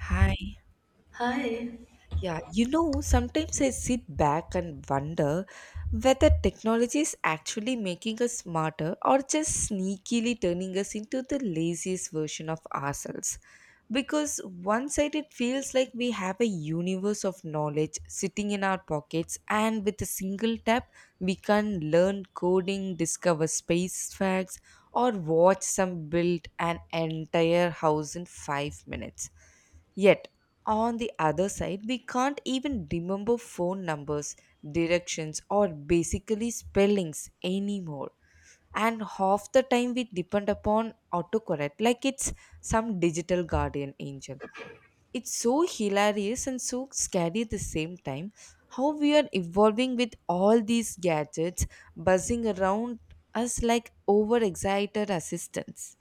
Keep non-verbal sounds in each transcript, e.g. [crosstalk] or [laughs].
Hi. Hi. Yeah, you know, sometimes I sit back and wonder whether technology is actually making us smarter or just sneakily turning us into the laziest version of ourselves. Because one side it feels like we have a universe of knowledge sitting in our pockets, and with a single tap, we can learn coding, discover space facts, or watch some build an entire house in five minutes Yet, on the other side, we can't even remember phone numbers, directions, or basically spellings anymore. And half the time we depend upon autocorrect like it's some digital guardian angel. It's so hilarious and so scary at the same time how we are evolving with all these gadgets buzzing around us like overexcited assistants.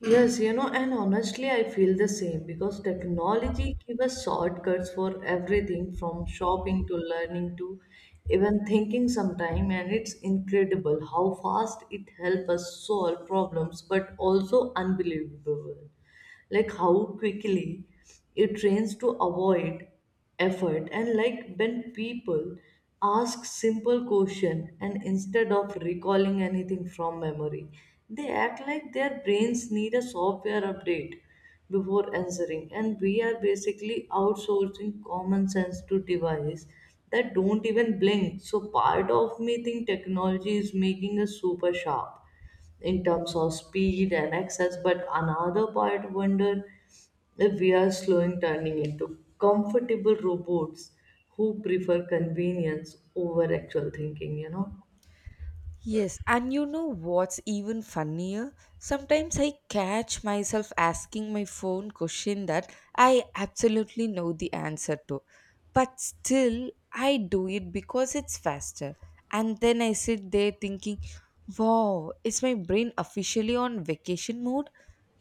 Yes, you know, and honestly, I feel the same because technology gives us shortcuts for everything from shopping to learning to even thinking sometime, and it's incredible how fast it helps us solve problems, but also unbelievable, like how quickly it trains to avoid effort, and like when people ask simple question, and instead of recalling anything from memory, they act like their brains need a software update before answering, and we are basically outsourcing common sense to device that don't even blink. So part of me think technology is making us super sharp in terms of speed and access. But another part wonder if we are slowing turning into comfortable robots who prefer convenience over actual thinking, you know. Yes, and you know what's even funnier? Sometimes I catch myself asking my phone question that I absolutely know the answer to. But still, I do it because it's faster. And then I sit there thinking, wow, is my brain officially on vacation mode?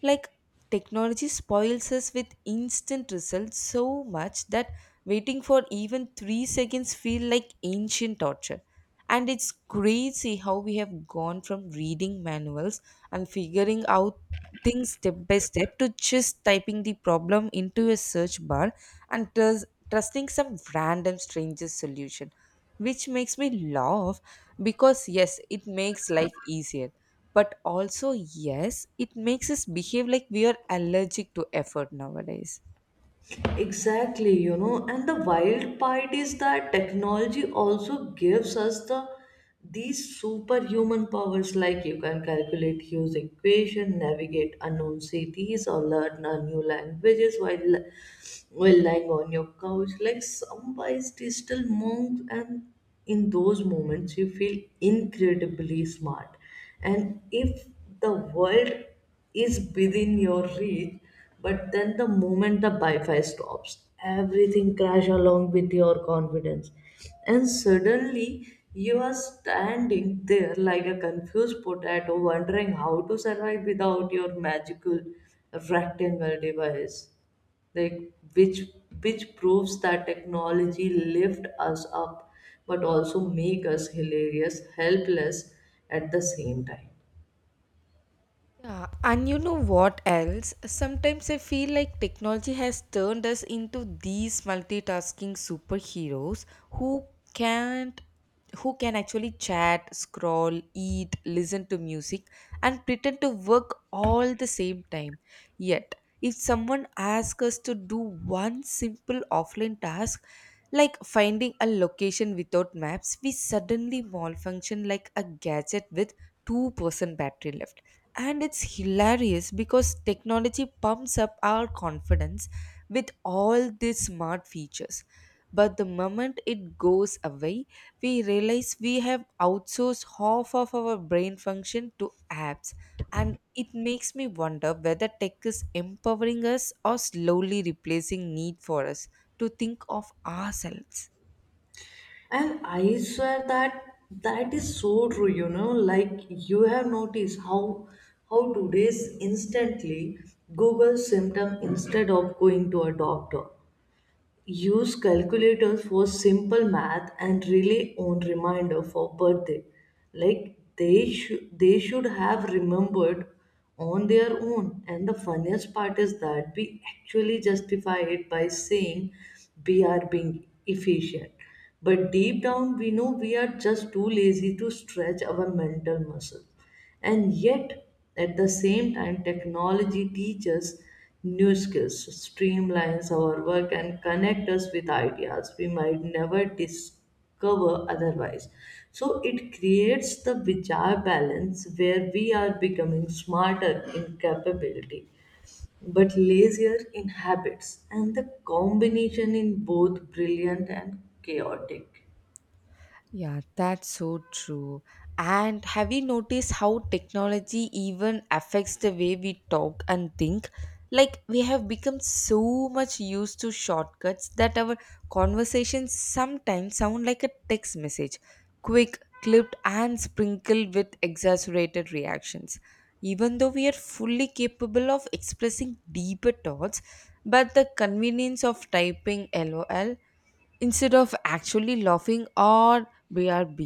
Like, technology spoils us with instant results so much that waiting for even 3 seconds feel like ancient torture, and it's crazy how we have gone from reading manuals and figuring out things step by step to just typing the problem into a search bar and trusting some random stranger's solution, which makes me laugh because, yes, it makes life easier. But also, yes, it makes us behave like we are allergic to effort nowadays. Exactly, you know, and the wild part is that technology also gives us these superhuman powers, like you can calculate huge equation, navigate unknown cities, or learn a new languages while lying on your couch like some wise digital monk. And in those moments you feel incredibly smart, and if the world is within your reach. But then the moment the wi-fi stops, everything crash along with your confidence, and suddenly you are standing there like a confused potato wondering how to survive without your magical rectangle device, like which which proves that technology lift us up but also make us hilarious helpless at the same time. Yeah, and you know what else? Sometimes I feel like technology has turned us into these multitasking superheroes who can't who can actually chat, scroll, eat, listen to music and pretend to work all the same time. Yet, if someone asks us to do one simple offline task like finding a location without maps, we suddenly malfunction like a gadget with 2% battery left, and it's hilarious because technology pumps up our confidence with all these smart features, but the moment it goes away we realize we have outsourced half of our brain function to apps, and it makes me wonder whether tech is empowering us or slowly replacing need for us to think of ourselves. And I swear that is so true, you know, like you have noticed how today's instantly google symptom instead of going to a doctor. Use calculator for simple math and rely on reminder for birthday. Like they should have remembered on their own. And the funniest part is that we actually justify it by saying we are being efficient. But deep down we know we are just too lazy to stretch our mental muscles. And yet, at the same time, technology teaches new skills, streamlines our work, and connect us with ideas we might never discover otherwise. So it creates the bizarre balance where we are becoming smarter in capability but lazier in habits, and the combination in both brilliant and chaotic. Yeah, that's so true. And have you noticed how technology even affects the way we talk and think? Like, we have become so much used to shortcuts that our conversations sometimes sound like a text message, quick, clipped, and sprinkled with exaggerated reactions. Even though we are fully capable of expressing deeper thoughts, but the convenience of typing LOL instead of actually laughing or brb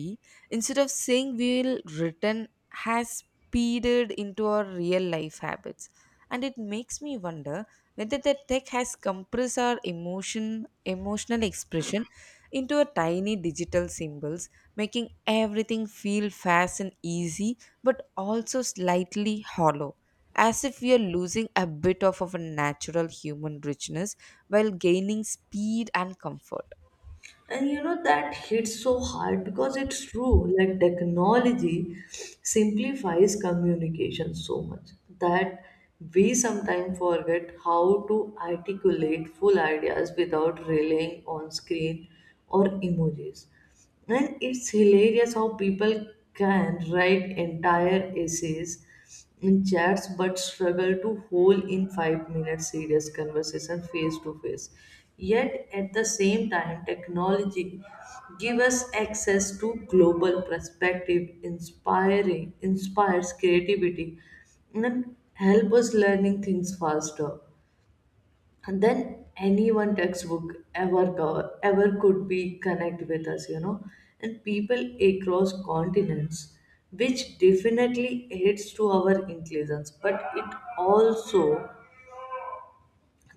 instead of saying we'll return has speeded into our real life habits, and it makes me wonder whether the tech has compressed our emotional expression into a tiny digital symbols, making everything feel fast and easy but also slightly hollow, as if we are losing a bit of a natural human richness while gaining speed and comfort. And you know, that hits so hard because it's true. Like, technology simplifies communication so much that we sometimes forget how to articulate full ideas without relying on screen or emojis. And it's hilarious how people can write entire essays in chats but struggle to hold in 5 minutes serious conversation face to face. Yet at the same time, technology give us access to global perspective, inspiring inspires creativity and help us learning things faster and then any one textbook ever cover, ever could be connect with us, you know, and people across continents, which definitely aids to our inclusions, but it also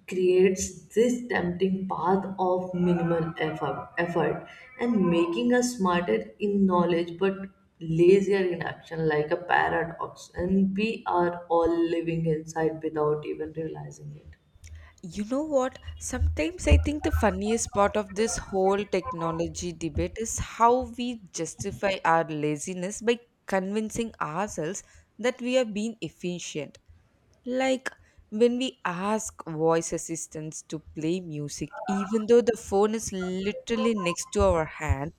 creates this tempting path of minimal effort and making us smarter in knowledge but lazier in action, like a paradox and we are all living inside without even realizing it. You know what? Sometimes I think the funniest part of this whole technology debate is how we justify our laziness by convincing ourselves that we are being efficient. Like when we ask voice assistants to play music, even though the phone is literally next to our hand,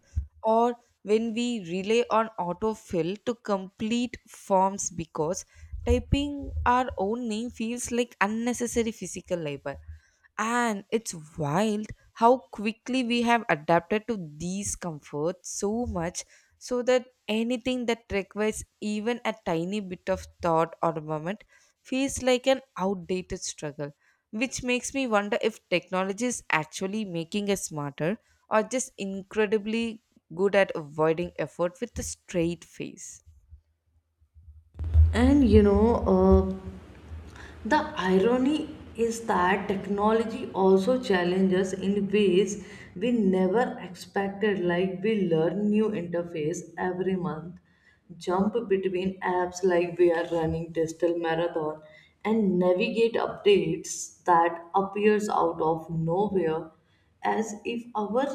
or when we rely on autofill to complete forms because typing our own name feels like unnecessary physical labor. And it's wild how quickly we have adapted to these comforts so much so that anything that requires even a tiny bit of thought or moment feels like an outdated struggle. Which makes me wonder if technology is actually making us smarter or just incredibly good at avoiding effort with a straight face. And you know, the irony is that technology also challenges in ways we never expected, like we learn new interface every month, jump between apps like we are running digital marathon, and navigate updates that appears out of nowhere as if our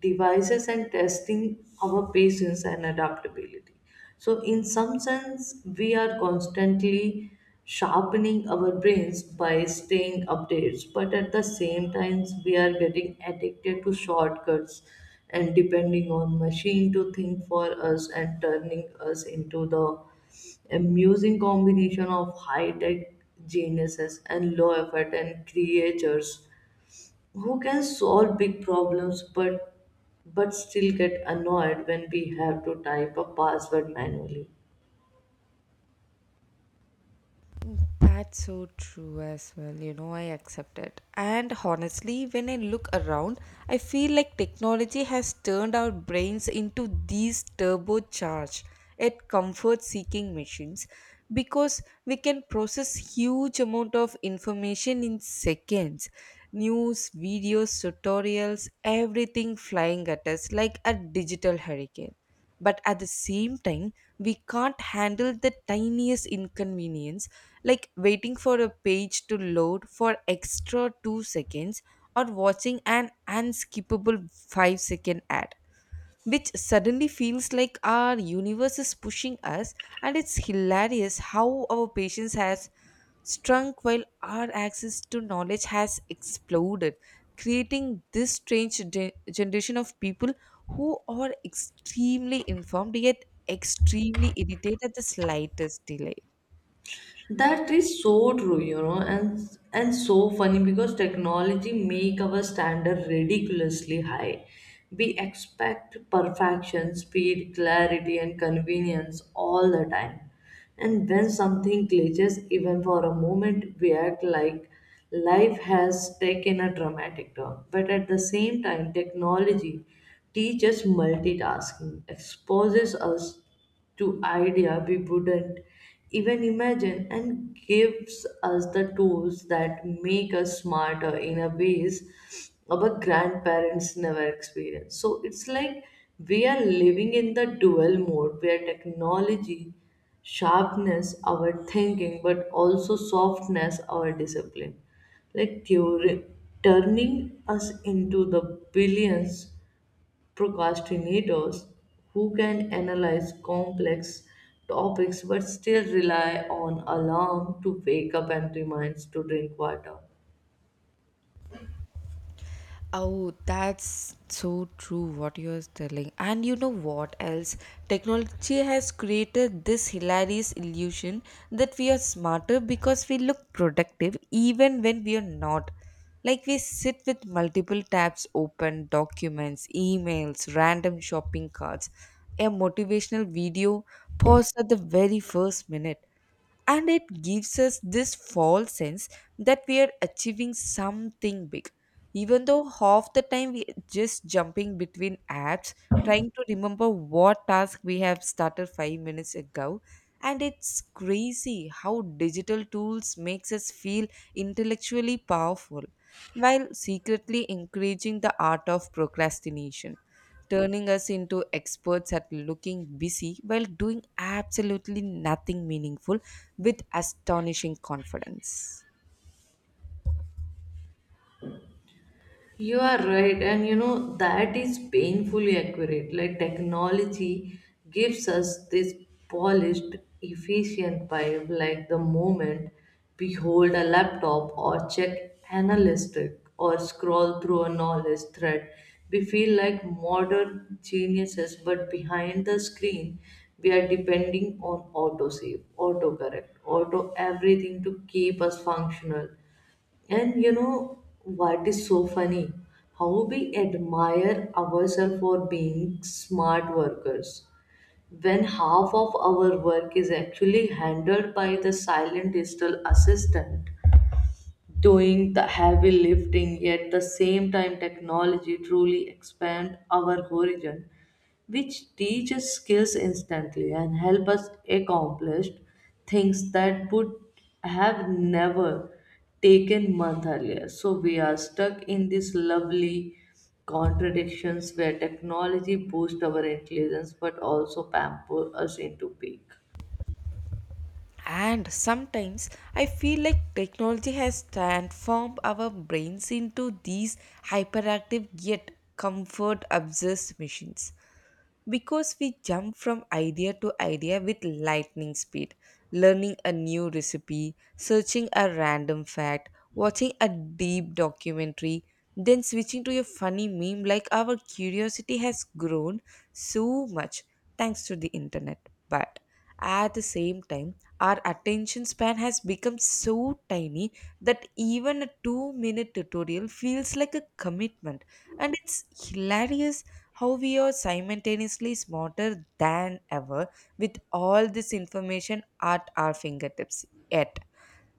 devices and testing our patience and adaptability. So, in some sense, we are constantly sharpening our brains by staying updates, but at the same times, we are getting addicted to shortcuts and depending on machine to think for us and turning us into the amusing combination of high tech geniuses and low effort and creatures who can solve big problems, but still get annoyed when we have to type a password manually. That's so true as well. You know, I accept it. And honestly, when I look around, I feel like technology has turned our brains into these turbocharged, yet comfort-seeking machines because we can process huge amount of information in seconds. News, videos, tutorials, everything flying at us like a digital hurricane, but at the same time we can't handle the tiniest inconvenience like waiting for a page to load for extra 2 seconds or watching an unskippable 5-second ad, which suddenly feels like our universe is pushing us, and it's hilarious how our patience has shrunk while our access to knowledge has exploded, creating this strange generation of people who are extremely informed yet extremely irritated at the slightest delay. That is so true, you know, and so funny because technology make our standard ridiculously high. We expect perfection, speed, clarity, and convenience all the time. And when something glitches, even for a moment, we act like life has taken a dramatic turn. But at the same time, technology teaches multitasking, exposes us to idea we wouldn't even imagine and gives us the tools that make us smarter in a ways our grandparents never experienced. So it's like we are living in the dual mode where technology sharpness our thinking but also softness our discipline like theory, turning us into the billions procrastinators who can analyze complex topics but still rely on alarm to wake up and reminds to drink water. Oh, that's so true what you're telling. And you know what else? Technology has created this hilarious illusion that we are smarter because we look productive even when we are not. Like we sit with multiple tabs open, documents, emails, random shopping carts, a motivational video paused at the very first minute, and it gives us this false sense that we are achieving something big even though half the time we just jumping between apps trying to remember what task we have started 5 minutes ago, and it's crazy how digital tools makes us feel intellectually powerful while secretly encouraging the art of procrastination, turning us into experts at looking busy while doing absolutely nothing meaningful with astonishing confidence. You are right, and you know that is painfully accurate. Like technology gives us this polished, efficient vibe, like the moment we hold a laptop or check analytic or scroll through a knowledge thread, we feel like modern geniuses, but behind the screen, we are depending on autosave, autocorrect, auto everything to keep us functional. And you know what is so funny? How we admire ourselves for being smart workers when half of our work is actually handled by the silent digital assistant doing the heavy lifting, yet the same time technology truly expand our horizon, which teach us skills instantly and help us accomplish things that would have never taken month earlier, so we are stuck in this lovely contradictions where technology boosts our intelligence but also pamper us into peak. And sometimes I feel like technology has transformed our brains into these hyperactive yet comfort obsessed machines because we jump from idea to idea with lightning speed, learning a new recipe, searching a random fact, watching a deep documentary, then switching to a funny meme like our curiosity has grown so much thanks to the internet. But at the same time, our attention span has become so tiny that even a 2 minute tutorial feels like a commitment. And it's hilarious how we are simultaneously smarter than ever with all this information at our fingertips. Yet,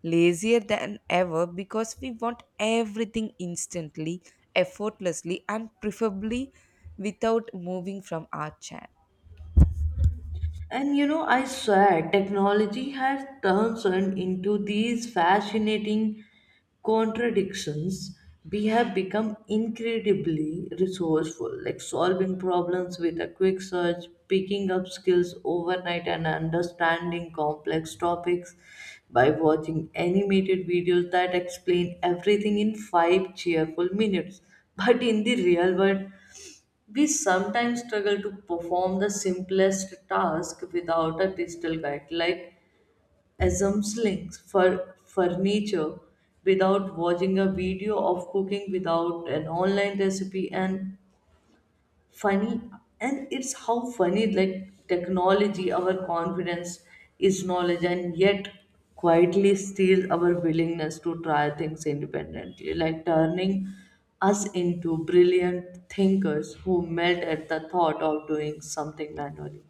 lazier than ever because we want everything instantly, effortlessly, and preferably without moving from our chair. And you know, I swear, technology has turned into these fascinating contradictions. We have become incredibly resourceful, like solving problems with a quick search, picking up skills overnight, and understanding complex topics by watching animated videos that explain everything in five cheerful minutes. But in the real world, we sometimes struggle to perform the simplest task without a digital guide, like assembling for furniture without watching a video of cooking without an online recipe and funny, and it's how funny like technology our confidence is knowledge, and yet quietly steals our willingness to try things independently, like turning us into brilliant thinkers who melt at the thought of doing something manually.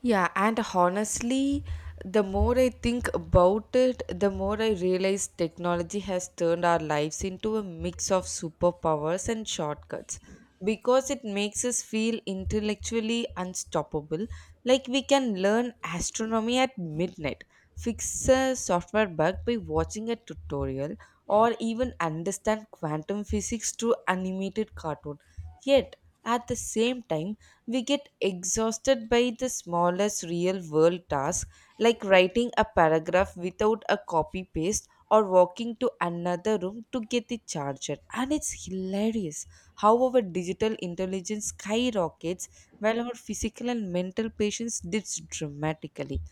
Yeah, and honestly, the more I think about it, the more I realize technology has turned our lives into a mix of superpowers and shortcuts because it makes us feel intellectually unstoppable, like we can learn astronomy at midnight, fix a software bug by watching a tutorial, or even understand quantum physics through animated cartoon. Yet, at the same time we get exhausted by the smallest real world tasks like writing a paragraph without a copy paste or walking to another room to get the charger. And it's hilarious how our digital intelligence skyrockets while our physical and mental patience dips dramatically,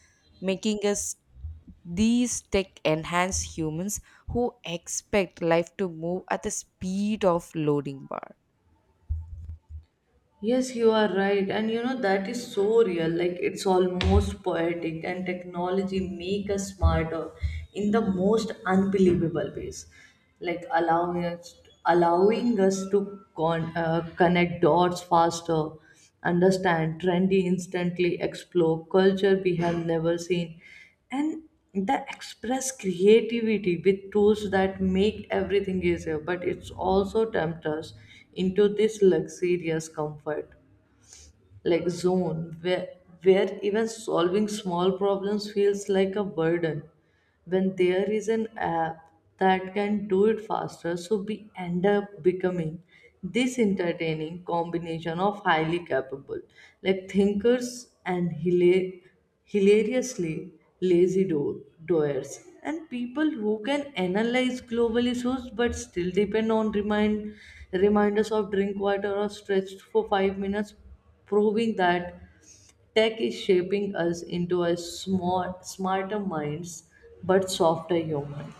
making us these tech enhanced humans who expect life to move at the speed of loading bar. Yes, you are right. And you know, that is so real. Like, it's almost poetic, and technology make us smarter in the most unbelievable ways. Like, allowing us to connect dots faster, understand trendy instantly, explore culture we have never seen, and the express creativity with tools that make everything easier, but it's also tempt us into this luxurious comfort like zone where even solving small problems feels like a burden when there is an app that can do it faster, so we end up becoming this entertaining combination of highly capable like thinkers and hilariously lazy doers and people who can analyze global issues but still depend on reminders of drink water or stretch for 5 minutes, proving that tech is shaping us into a small, smarter minds but softer human.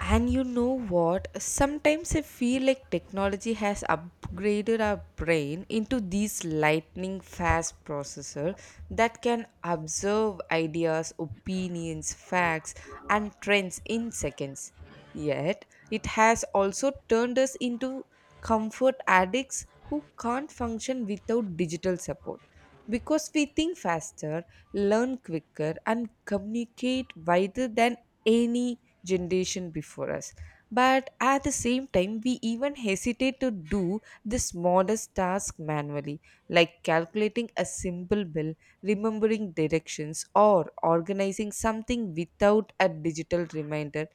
And you know what? Sometimes I feel like technology has upgraded our brain into these lightning fast processor that can observe ideas, opinions, facts and trends in seconds. Yet, it has also turned us into comfort addicts who can't function without digital support because we think faster, learn quicker, and communicate wider than any generation before us. But at the same time, we even hesitate to do this modest task manually, like calculating a simple bill, remembering directions, or organizing something without a digital reminder.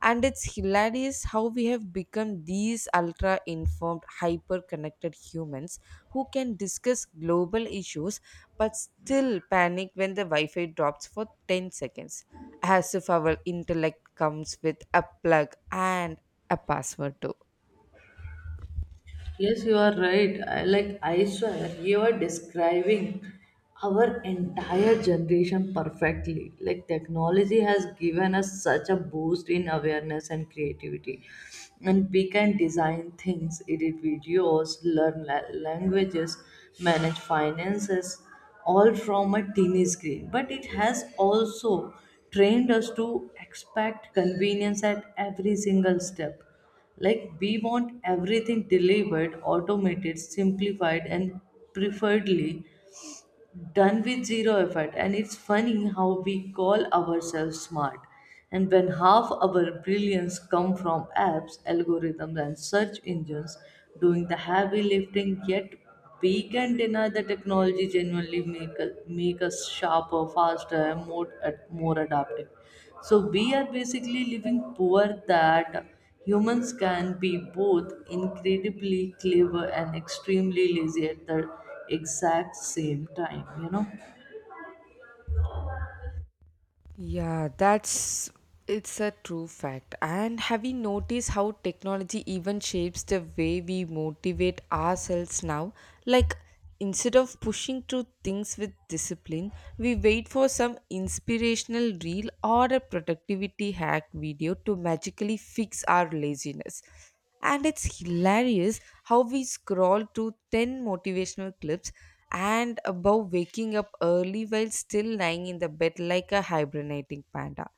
And it's hilarious how we have become these ultra informed, hyper connected humans who can discuss global issues but still panic when the Wi Fi drops for 10 seconds, as if our intellect comes with a plug and a password too. Yes, you are right. I like I swear you are describing our entire generation perfectly. Like technology has given us such a boost in awareness and creativity. And we can design things, edit videos, learn languages, manage finances, all from a teeny screen. But it has also trained us to expect convenience at every single step, like, we want everything delivered, automated, simplified, and preferably done with zero effort. And it's funny how we call ourselves smart. And when half our brilliance come from apps, algorithms, and search engines doing the heavy lifting, yet we can deny the technology genuinely make us sharper, faster, and more adaptive. So we are basically living poor that humans can be both incredibly clever and extremely lazy at the exact same time, you know? Yeah, that's, it's a true fact. And have you noticed how technology even shapes the way we motivate ourselves now? Like instead of pushing through things with discipline, we wait for some inspirational reel or a productivity hack video to magically fix our laziness. And it's hilarious how we scroll through 10 motivational clips and above waking up early while still lying in the bed like a hibernating panda,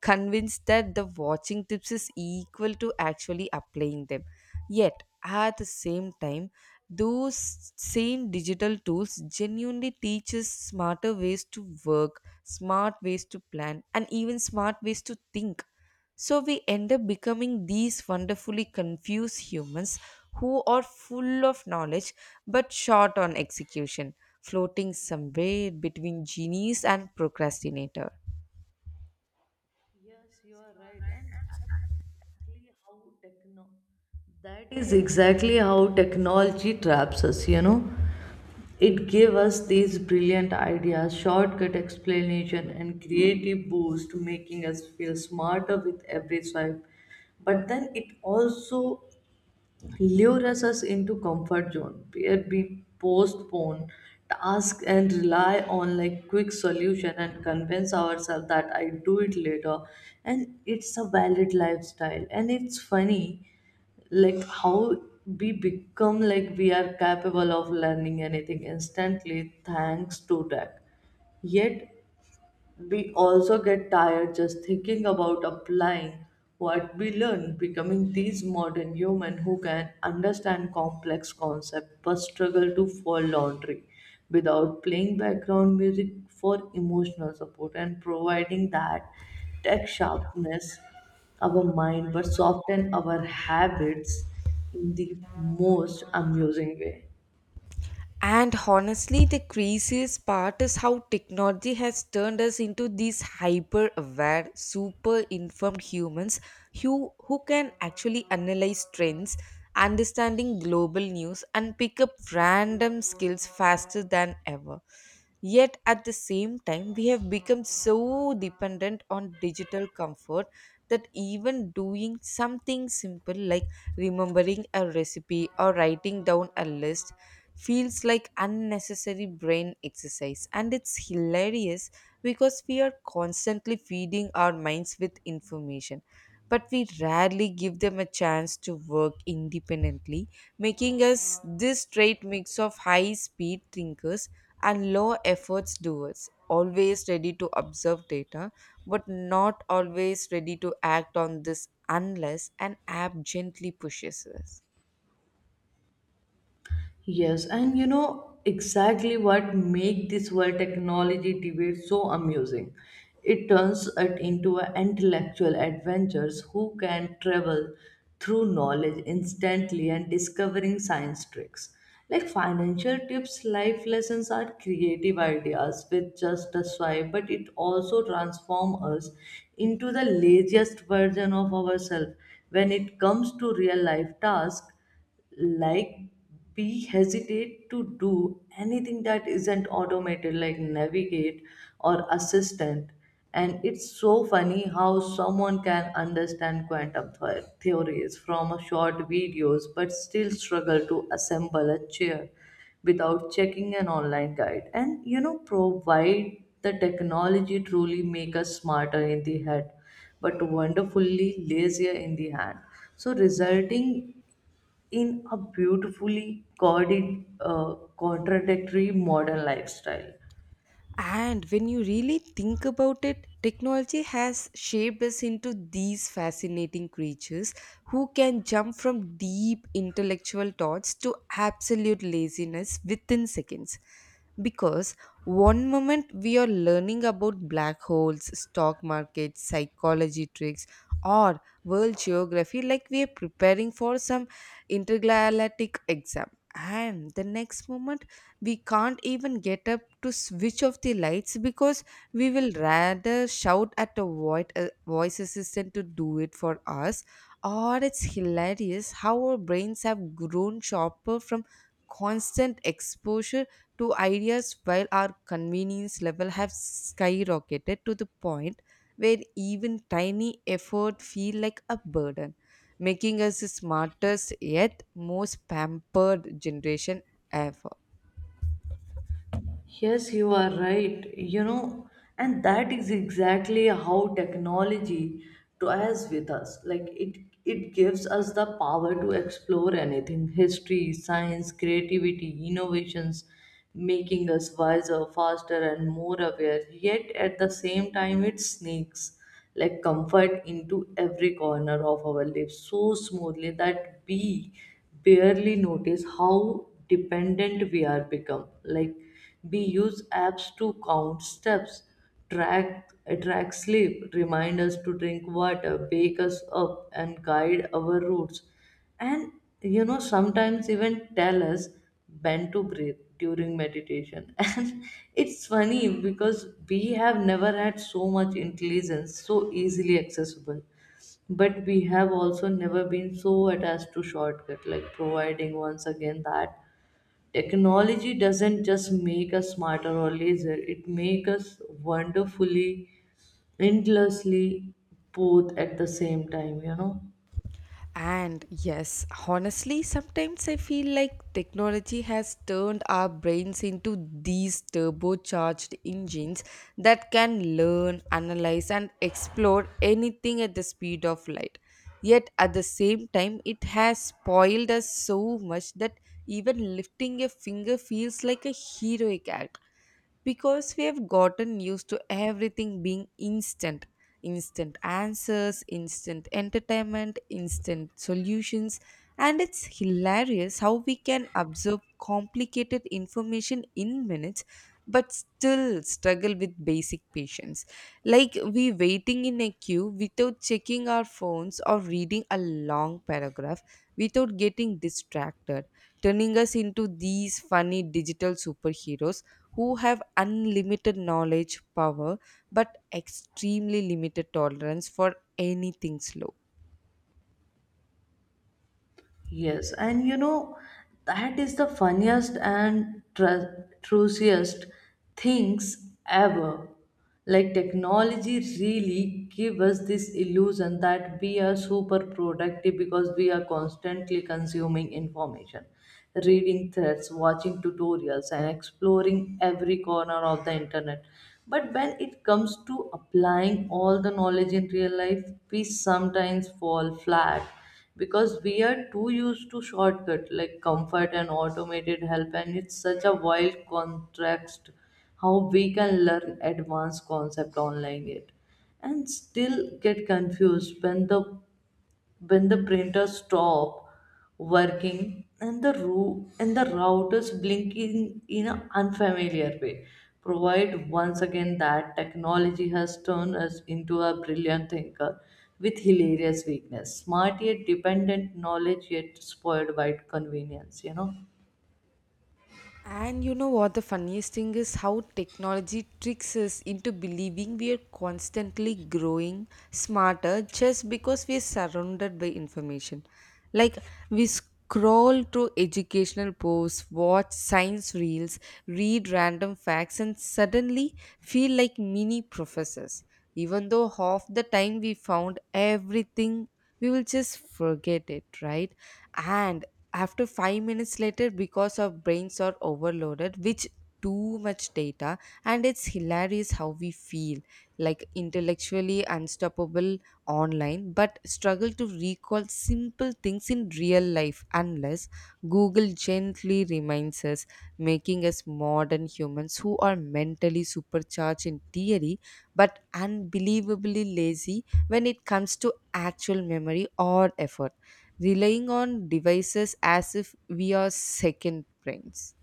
convinced that the watching tips is equal to actually applying them. Yet, at the same time, those same digital tools genuinely teach us smarter ways to work smart ways to plan and even smart ways to think, so we end up becoming these wonderfully confused humans who are full of knowledge but short on execution, floating somewhere between genies and procrastinator. Yes, you are right. And that is exactly how techno that is exactly how technology traps us, you know. It gave us these brilliant ideas, shortcut explanation, and creative boost, making us feel smarter with every swipe. But then it also lures us into comfort zone where we postpone tasks and rely on like quick solution and convince ourselves that I do it later, and it's a valid lifestyle, and it's funny like how we become like we are capable of learning anything instantly thanks to that, yet we also get tired just thinking about applying what we learn, becoming these modern humans who can understand complex concepts but struggle to fold laundry without playing background music for emotional support and providing that tech sharpness our mind but soften our habits in the most amusing way. And honestly, the craziest part is how technology has turned us into these hyper aware, super informed humans who can actually analyze trends, understanding global news, and pick up random skills faster than ever. Yet at the same time, we have become so dependent on digital comfort that even doing something simple like remembering a recipe or writing down a list feels like unnecessary brain exercise. And it's hilarious because we are constantly feeding our minds with information. But we rarely give them a chance to work independently, making us this straight mix of high speed thinkers and low efforts doers, always ready to observe data, but not always ready to act on this unless an app gently pushes us. Yes, and you know exactly what make this world technology debate so amusing. It turns it into an intellectual adventures who can travel through knowledge instantly and discovering science tricks. Like financial tips, life lessons are creative ideas with just a swipe, but it also transforms us into the laziest version of ourselves. When it comes to real life tasks, like we hesitate to do anything that isn't automated like navigate or assistant, and it's so funny how someone can understand quantum theories from a short videos but still struggle to assemble a chair without checking an online guide. And you know provide the technology truly make us smarter in the head but wonderfully lazier in the hand, so resulting in a beautifully contradictory modern lifestyle. And when you really think about it, technology has shaped us into these fascinating creatures who can jump from deep intellectual thoughts to absolute laziness within seconds. Because one moment we are learning about black holes, stock markets, psychology tricks, or world geography like we are preparing for some intergalactic exam. And the next moment, we can't even get up to switch off the lights because we will rather shout at a void, a voice assistant to do it for us, or it's hilarious how our brains have grown sharper from constant exposure to ideas while our convenience level have skyrocketed to the point where even tiny effort feel like a burden, making us the smartest yet most pampered generation ever. Yes, you are right. You know, and that is exactly how technology toys with us. Like it gives us the power to explore anything: history, science, creativity, innovations, making us wiser, faster, and more aware. Yet at the same time, it sneaks like comfort into every corner of our lives so smoothly that we barely notice how dependent we are become. Like we use apps to count steps, track track sleep, remind us to drink water, wake us up, and guide our routes. And you know, sometimes even tell us when to breathe during meditation. [laughs] And it's funny because we have never had so much intelligence so easily accessible, but we have also never been so attached to shortcut, like providing once again that technology doesn't just make us smarter or lazier, it makes us wonderfully, endlessly both at the same time, you know. And yes, honestly, sometimes I feel like technology has turned our brains into these turbocharged engines that can learn, analyze, and explore anything at the speed of light. Yet at the same time, it has spoiled us so much that even lifting a finger feels like a heroic act because we have gotten used to everything being instant: instant answers, instant entertainment, instant solutions. And it's hilarious how we can absorb complicated information in minutes but still struggle with basic patience. Like we waiting in a queue without checking our phones or reading a long paragraph without getting distracted, turning us into these funny digital superheroes who have unlimited knowledge, power, but extremely limited tolerance for anything slow. Yes, and you know, that is the funniest and truciest things ever. Like technology really give us this illusion that we are super productive because we are constantly consuming information, reading threads, watching tutorials, and exploring every corner of the internet. But when it comes to applying all the knowledge in real life, we sometimes fall flat because we are too used to shortcut like comfort and automated help, and it's such a wild contrast how we can learn advanced concept online, yet and still get confused when the printer stop working, and the routers blink in an unfamiliar way, provide once again that technology has turned us into a brilliant thinker with hilarious weakness, smart yet dependent, knowledge yet spoiled by convenience, you know. And you know what the funniest thing is how technology tricks us into believing we are constantly growing smarter just because we are surrounded by information. Like we scroll through educational posts, watch science reels, read random facts, and suddenly feel like mini professors. Even though half the time we found everything, we will just forget it, right? And after 5 minutes later because our brains are overloaded with too much data, and it's hilarious how we feel like intellectually unstoppable online but struggle to recall simple things in real life unless google gently reminds us, making us modern humans who are mentally supercharged in theory but unbelievably lazy when it comes to actual memory or effort, relying on devices as if we are second brains.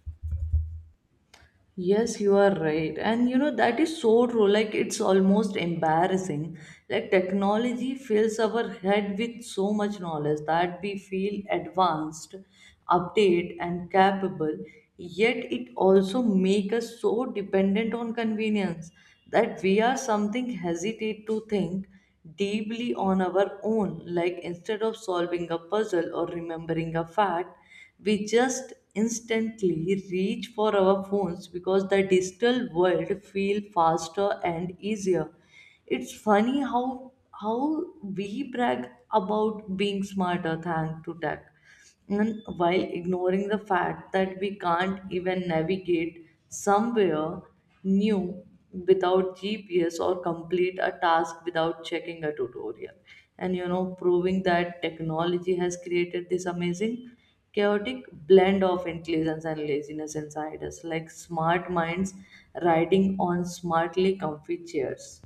Yes, you are right. And you know, that is so true. Like, it's almost embarrassing. Like, technology fills our head with so much knowledge that we feel advanced, update, and capable. Yet, it also makes us so dependent on convenience that we are something hesitate to think deeply on our own. Like, instead of solving a puzzle or remembering a fact, we just instantly reach for our phones because the digital world feel faster and easier. It's funny how we brag about being smarter thanks to tech, and while ignoring the fact that we can't even navigate somewhere new without GPS or complete a task without checking a tutorial. And you know, proving that technology has created this amazing chaotic blend of intelligence and laziness inside us, like smart minds riding on smartly comfy chairs.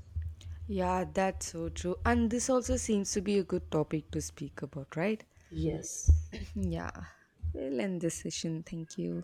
Yeah, that's so true. And this also seems to be a good topic to speak about, right? Yes. [laughs] Yeah. We'll end this session. Thank you.